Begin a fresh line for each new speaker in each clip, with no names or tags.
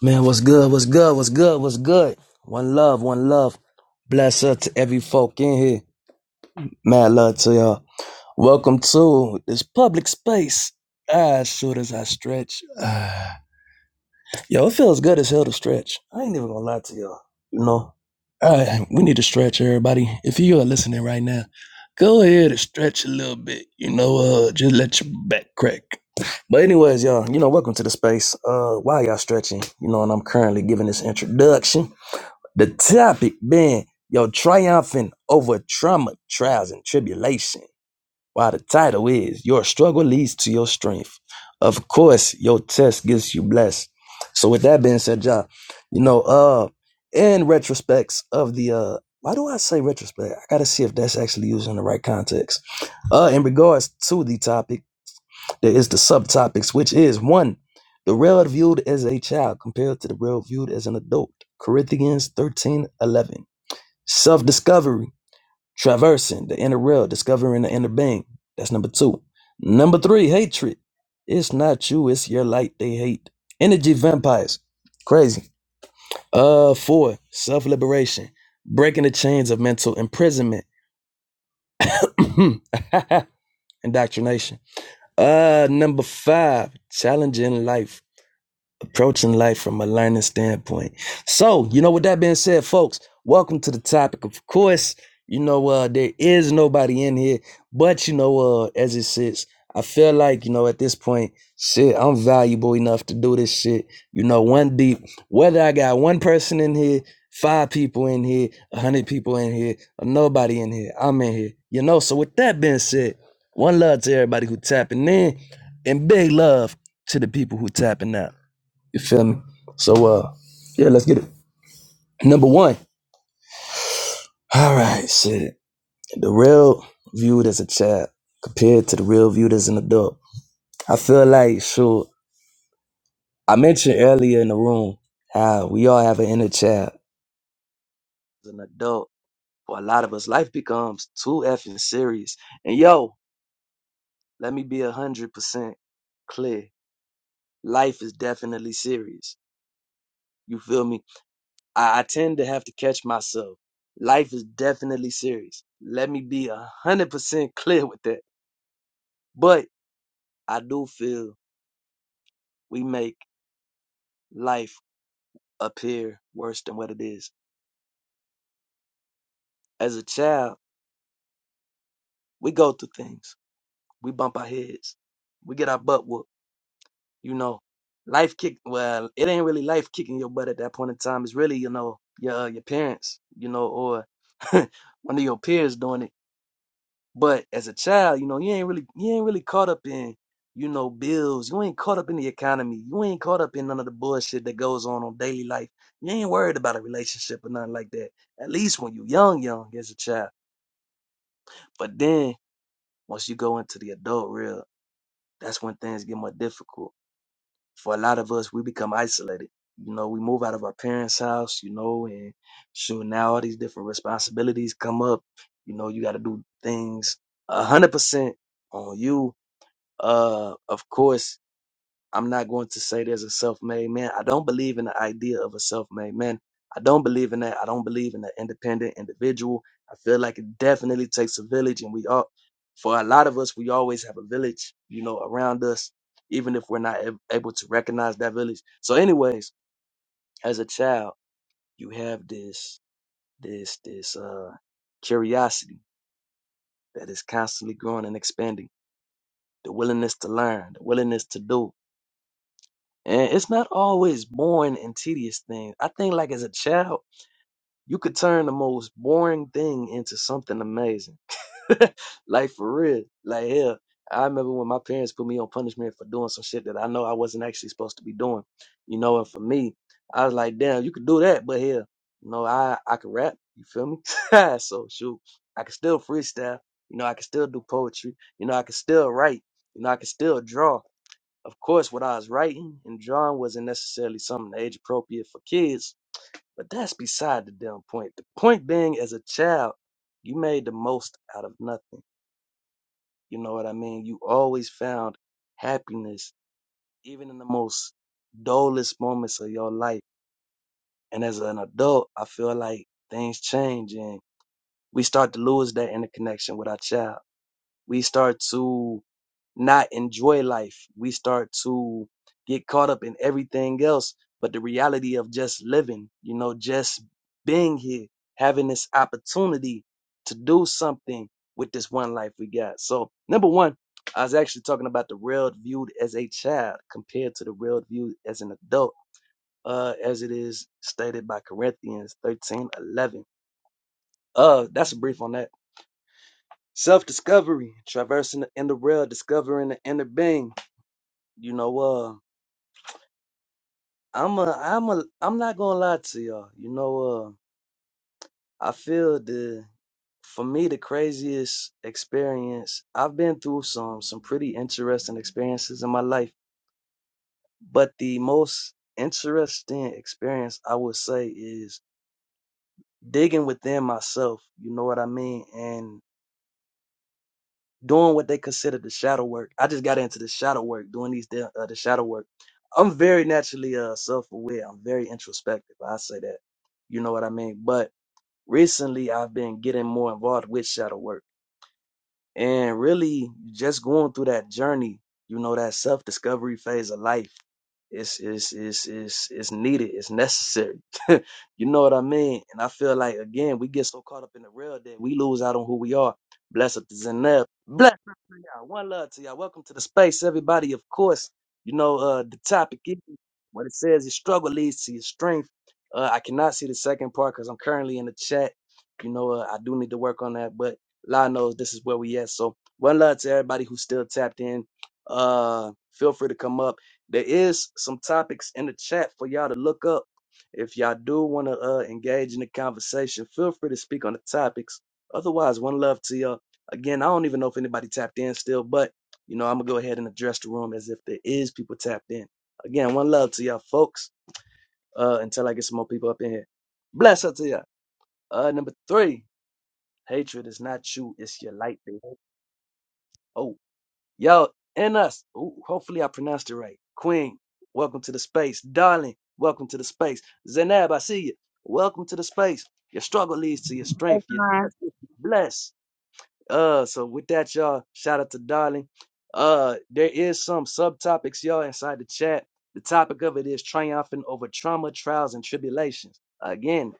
Man, what's good? What's good? What's good? What's good? One love, one love. Bless up to every folk in here. Mad love to y'all. Welcome to this public space. Ah, as short as I stretch. Ah. Yo, it feels good as hell to stretch. I ain't even gonna lie to y'all. You know, All right, we need to stretch, everybody. If you are listening right now, go ahead and stretch a little bit. You know, uh, just let your back crack. But anyways, y'all, you know, welcome to the space. Uh, while y'all stretching, you know, and I'm currently giving this introduction. The topic being your triumphing over trauma, trials, and tribulation. While the title is Your Struggle Leads to Your Strength. Of course, your test gets you blessed. So with that being said, John, you know, uh in retrospects of the uh why do I say retrospect? I gotta see if that's actually used in the right context. Uh in regards to the topic, there is the subtopics, which is one, the real viewed as a child compared to the real viewed as an adult. Corinthians 13 11. Self-discovery traversing the inner real, discovering the inner being. That's number two. Number three, hatred. It's not you, it's your light they hate. Energy vampires. Crazy. Uh four, self-liberation. Breaking the chains of mental imprisonment. Indoctrination. Uh number five, challenging life. approaching life from a learning standpoint. So, you know, with that being said, folks, welcome to the topic. Of course, you know, uh, there is nobody in here, but you know, uh, as it sits, I feel like, you know, at this point, shit, I'm valuable enough to do this shit. You know, one deep, whether I got one person in here, five people in here, a hundred people in here, or nobody in here, I'm in here. You know, so with that being said, one love to everybody who tapping in and big love to the people who tapping out. You feel me? So uh yeah, let's get it. Number one. All right, shit. The real viewed as a child compared to the real viewed as an adult. I feel like sure I mentioned earlier in the room how we all have an inner child. As an adult, for a lot of us, life becomes too effing serious. And yo, let me be a hundred percent clear. Life is definitely serious. You feel me? I, I tend to have to catch myself. Life is definitely serious. Let me be a hundred percent clear with that. But I do feel we make life appear worse than what it is. As a child, we go through things. We bump our heads. We get our butt whooped. You know, life kick. Well, it ain't really life kicking your butt at that point in time. It's really you know your uh, your parents. You know, or one of your peers doing it But as a child, you know, you ain't really you ain't really caught up in, you know, bills. You ain't caught up in the economy. You ain't caught up in none of the bullshit that goes on on daily life. You ain't worried about a relationship or nothing like that. At least when you young, young as a child. But then once you go into the adult real, that's when things get more difficult. For a lot of us, we become isolated. You know, we move out of our parents' house, you know, and sure now all these different responsibilities come up. You know, you gotta do things a hundred percent on you Uh, of course, I'm not going to say there's a self-made man. I don't believe in the idea of a self-made man. I don't believe in that. I don't believe in the independent individual. I feel like it definitely takes a village, and we all, for a lot of us, we always have a village, you know, around us, even if we're not ab- able to recognize that village. So, anyways, as a child, you have this, this, this uh, curiosity that is constantly growing and expanding, the willingness to learn, the willingness to do, And it's not always boring and tedious things. I think like as a child, you could turn the most boring thing into something amazing. like for real. Like hell. I remember when my parents put me on punishment for doing some shit that I know I wasn't actually supposed to be doing. You know, and for me, I was like, damn, you could do that, but hell, you know, I I could rap, you feel me? so shoot. I could still freestyle, you know, I could still do poetry, you know, I could still write, you know, I could still draw. Of course, what I was writing and drawing wasn't necessarily something age appropriate for kids, but that's beside the damn point. The point being, as a child, you made the most out of nothing. You know what I mean? You always found happiness, even in the most dullest moments of your life. And as an adult, I feel like things change and we start to lose that interconnection with our child. We start to not enjoy life. We start to get caught up in everything else, but the reality of just living, you know, just being here, having this opportunity to do something with this one life we got. So, number one, I was actually talking about the world viewed as a child compared to the world viewed as an adult, uh, as it is stated by Corinthians thirteen eleven. Uh, that's a brief on that. Self discovery, traversing in the inner world, discovering the inner being. You know, uh. I'm a, I'm a, I'm not gonna lie to y'all. You know, uh, I feel the, for me, the craziest experience. I've been through some, some pretty interesting experiences in my life, but the most interesting experience I would say is digging within myself. You know what I mean? And doing what they consider the shadow work. I just got into the shadow work, doing these, da- uh, the shadow work. I'm very naturally uh, self-aware. I'm very introspective. I say that. You know what I mean? But Recently, I've been getting more involved with shadow work and really just going through that journey you know that self-discovery phase of life it's it's it's it's, it's needed it's necessary you know what i mean and i feel like again we get so caught up in the real that we lose out on who we are bless up to Zaneb. bless up to y'all one love to y'all welcome to the space everybody of course you know uh the topic is what it says your struggle leads to your strength uh i cannot see the second part because i'm currently in the chat you know uh, i do need to work on that but Lord knows this is where we at. So one love to everybody who's still tapped in. Uh, feel free to come up. There is some topics in the chat for y'all to look up. If y'all do want to uh, engage in the conversation, feel free to speak on the topics. Otherwise, one love to y'all. Again, I don't even know if anybody tapped in still, but you know I'm gonna go ahead and address the room as if there is people tapped in. Again, one love to y'all, folks. Uh, until I get some more people up in here. Bless up to y'all. Uh, number three, hatred is not you, it's your light. Baby. Oh, yo, and us. Ooh, hopefully I pronounced it right. Queen, welcome to the space. Darling, welcome to the space. Zainab, I see you. Welcome to the space. Your struggle leads to your strength. Your
Hi.
destiny is blessed. Uh, so with that, y'all, shout out to Darling. Uh, there is some subtopics, y'all, inside the chat. The topic of it is triumphing over trauma, trials, and tribulations. Again,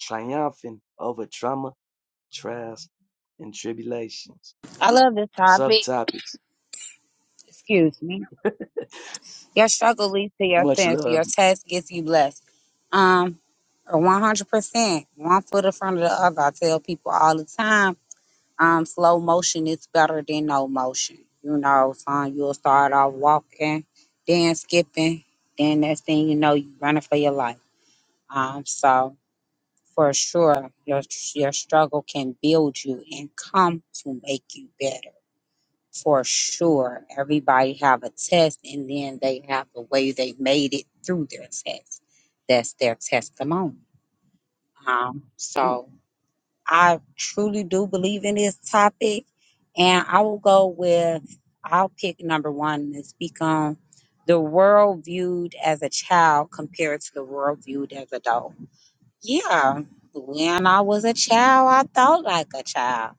triumphing over trauma, trials, and tribulations.
I love this topic.
Subtopics.
Excuse me. Your struggle leads to your
Much
fancy.
love.
Your test gets you blessed. Um, one hundred percent. One foot in front of the other. I tell people all the time. Um, slow motion is better than no motion. You know, son, you'll start off walking, then skipping, then next thing you know, you running for your life. Um, so for sure, your your struggle can build you and come to make you better. for sure everybody have a test and then they have the way they made it through their test that's their testimony um, so i truly do believe in this topic and i will go with i'll pick number one and speak on the world viewed as a child compared to the world viewed as adult yeah when i was a child i thought like a child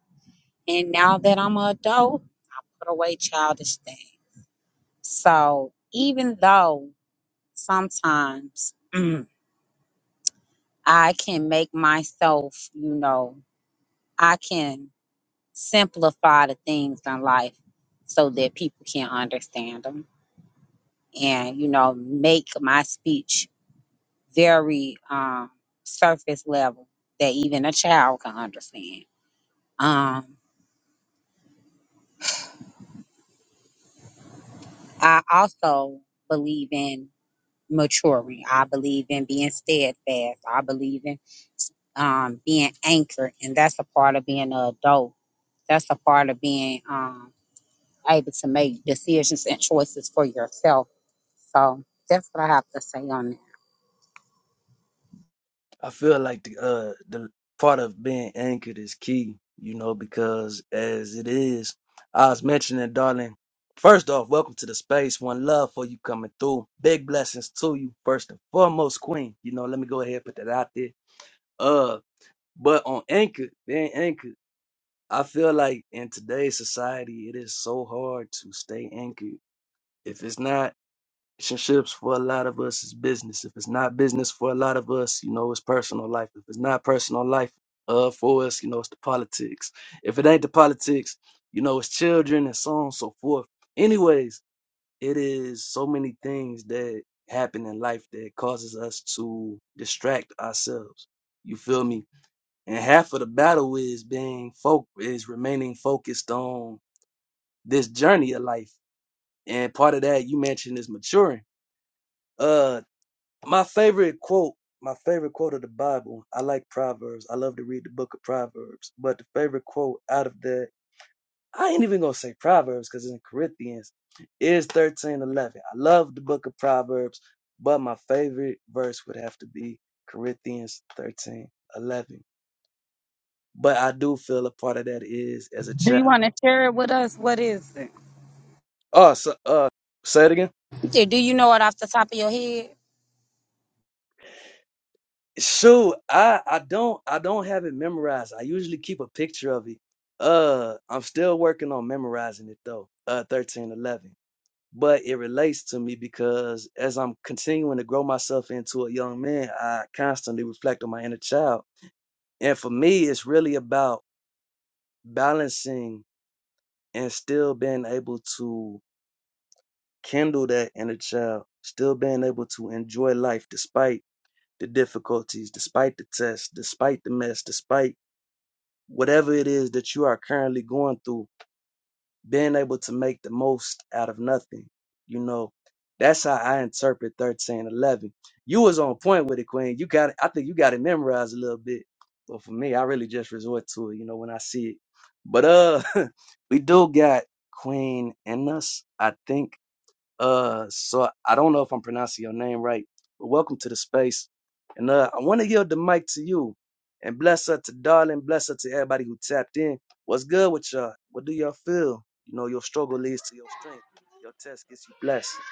and now that i'm an adult put away childish things So even though sometimes mm, I can make myself, you know, I can simplify the things in life so that people can understand them and, you know, make my speech very um, surface level that even a child can understand. Um, I also believe in maturing. I believe in being steadfast. I believe in um, being anchored, and that's a part of being an adult. That's a part of being um, able to make decisions and choices for yourself. So that's what I have to say on that.
I feel like the uh the part of being anchored is key, you know, because as it is, I was mentioning, darling. First off, welcome to the space. One love for you coming through. Big blessings to you, first and foremost, Queen. You know, let me go ahead and put that out there. Uh, but on anchored, being anchored, I feel like in today's society, it is so hard to stay anchored. If it's not relationships for a lot of us is business. If it's not business for a lot of us, you know, it's personal life. If it's not personal life uh for us, you know, it's the politics. If it ain't the politics, you know, it's children and so on and so forth. Anyways, it is so many things that happen in life that causes us to distract ourselves. You feel me? And half of the battle is being folk is remaining focused on this journey of life. And part of that you mentioned is maturing. Uh, my favorite quote, my favorite quote of the Bible. I like Proverbs. I love to read the book of Proverbs. But the favorite quote out of that, I ain't even gonna say Proverbs because it's in Corinthians, is thirteen eleven. I love the book of Proverbs, but my favorite verse would have to be Corinthians thirteen eleven. But I do feel a part of that is as a
Do you
child.
want to share it with us? What is it?
Oh, so, uh, say it again.
Do do you know it off the top of your head?
So I I don't I don't have it memorized. I usually keep a picture of it. Uh, I'm still working on memorizing it though. Uh, thirteen eleven, but it relates to me because as I'm continuing to grow myself into a young man, I constantly reflect on my inner child, and for me, it's really about balancing and still being able to kindle that inner child, still being able to enjoy life despite the difficulties, despite the tests, despite the mess, despite whatever it is that you are currently going through, being able to make the most out of nothing. You know, that's how I interpret 13 11. You was on point with it, Queen. You got it. I think you got it memorized a little bit. But for me, I really just resort to it, you know, when I see it. But uh we do got Queen in us. I think uh, so I don't know if I'm pronouncing your name right, but welcome to the space. And uh, I want to yield the mic to you. And bless her to darling, bless her to everybody who tapped in. What's good with y'all? What do y'all feel? You know, your struggle leads to your strength. Your test gets you blessed.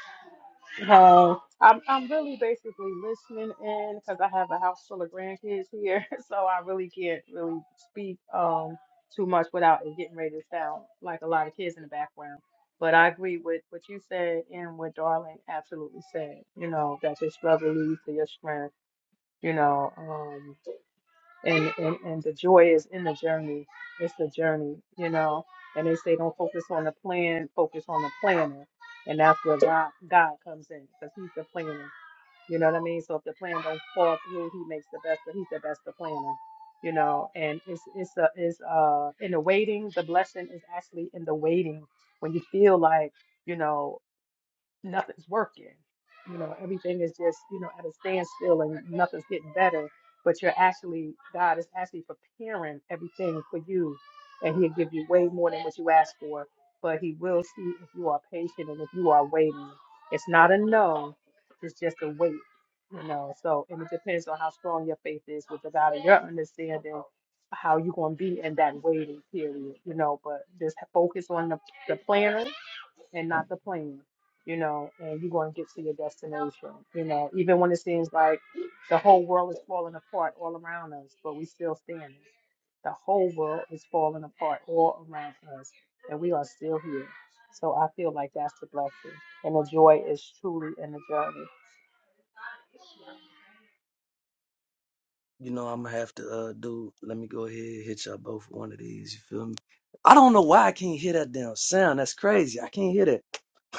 No, I'm I'm really basically listening in because I have a house full of grandkids here, so I really can't really speak um too much without it getting ready to sound like a lot of kids in the background. But I agree with what you said and what Darling absolutely said. You know that your struggle leads to your strength. You know, um, and, and and the joy is in the journey it's the journey you know and they say don't focus on the plan focus on the planner and that's where god, god comes in because he's the planner you know what i mean so if the plan don't fall through he makes the best but he's the best the planner you know and it's it's a it's uh in the waiting the blessing is actually in the waiting when you feel like you know nothing's working. You know, everything is just, you know, at a standstill and nothing's getting better. But you're actually, God is actually preparing everything for you. And He'll give you way more than what you ask for. But He will see if you are patient and if you are waiting. It's not a no, it's just a wait, you know. So, and it depends on how strong your faith is with the God of your understanding, how you're going to be in that waiting period, you know. But just focus on the, the planner and not the plan, you know, and you're going to get to your destination, you know, even when it seems like the whole world is falling apart all around us, but we still standing. The whole world is falling apart all around us, and we are still here. So I feel like that's the blessing, and the joy is truly in the journey.
You know, I'm gonna have to uh do let me go ahead and hit y'all both with one of these, you feel me? I don't know why I can't hear that damn sound. That's crazy. I can't hear that.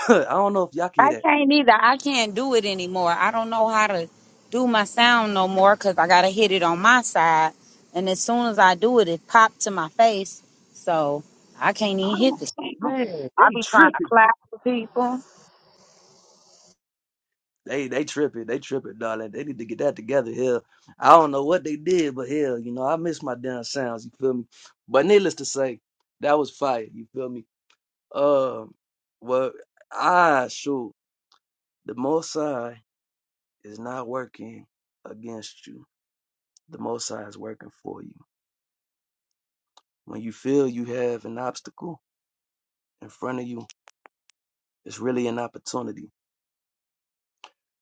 I don't know if y'all can hear
I
that.
can't either. I can't do it anymore. I don't know how to do my sound no more because I got to hit it on my side. And as soon as I do it, it popped to my face. So I can't
I
even hit
don't
the sound.
man,
I
they
be trying to
tripping.
clap for people.
They they tripping, they tripping, darling. They need to get that together here. I don't know what they did, but hell, you know, I miss my damn sounds, you feel me? But needless to say, that was fire, you feel me? Um well I shoot the most high is not working against you. The most high is working for you. When you feel you have an obstacle in front of you, it's really an opportunity.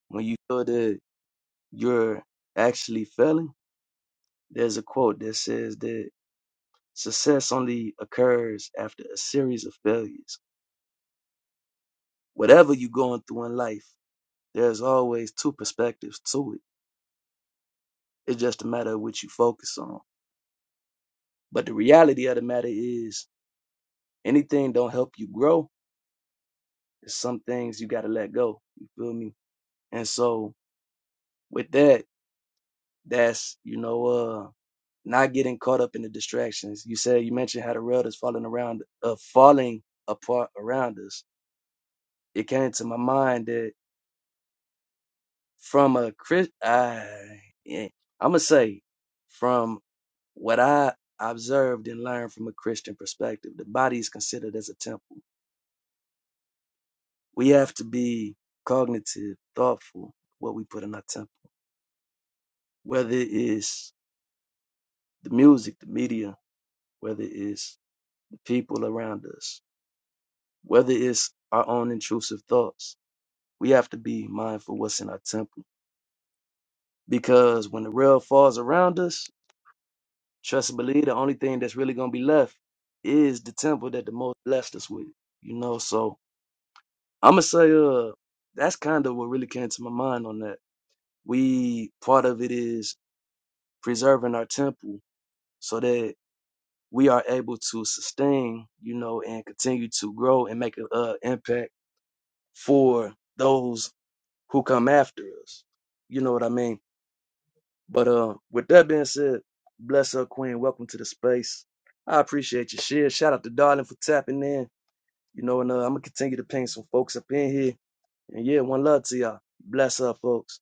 When you feel that you're actually failing, there's a quote that says that Success only occurs after a series of failures. Whatever you're going through in life, there's always two perspectives to it. It's just a matter of which you focus on. But the reality of the matter is, anything don't help you grow. There's some things you got to let go. You feel me? And so, with that, that's you know, uh, not getting caught up in the distractions. You said you mentioned how the world is falling around, uh, falling apart around us. It came to my mind that from a Chris, I yeah, I'm gonna say from what I observed and learned from a Christian perspective, the body is considered as a temple. We have to be cognitive, thoughtful, what we put in our temple, whether it is the music, the media, whether it is the people around us, whether it's our own intrusive thoughts. We have to be mindful what's in our temple because when the rail falls around us, Trust and believe the only thing that's really gonna be left is the temple that the most blessed us with. You know, so I'ma say uh that's kind of what really came to my mind on that. We part of it is preserving our temple so that we are able to sustain, you know, and continue to grow and make an uh, impact for those who come after us. You know what I mean? But uh, with that being said, bless up, Queen. Welcome to the space. I appreciate your share. Shout out to Darling for tapping in. You know, and uh, I'm gonna continue to ping some folks up in here. And yeah, one love to y'all. Bless up, folks.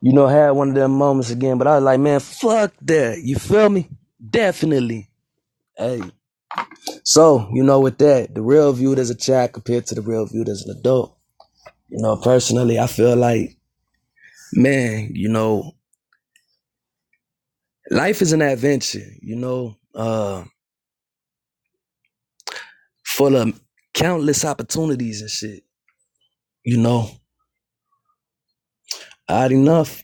You know, I had one of them moments again, but I was like, man, fuck that. You feel me? Definitely. Hey. So, you know, with that, the real viewed as a child compared to the real viewed as an adult. You know, personally, I feel like, man, you know, life is an adventure. You know, uh, full of countless opportunities and shit. You know, odd enough,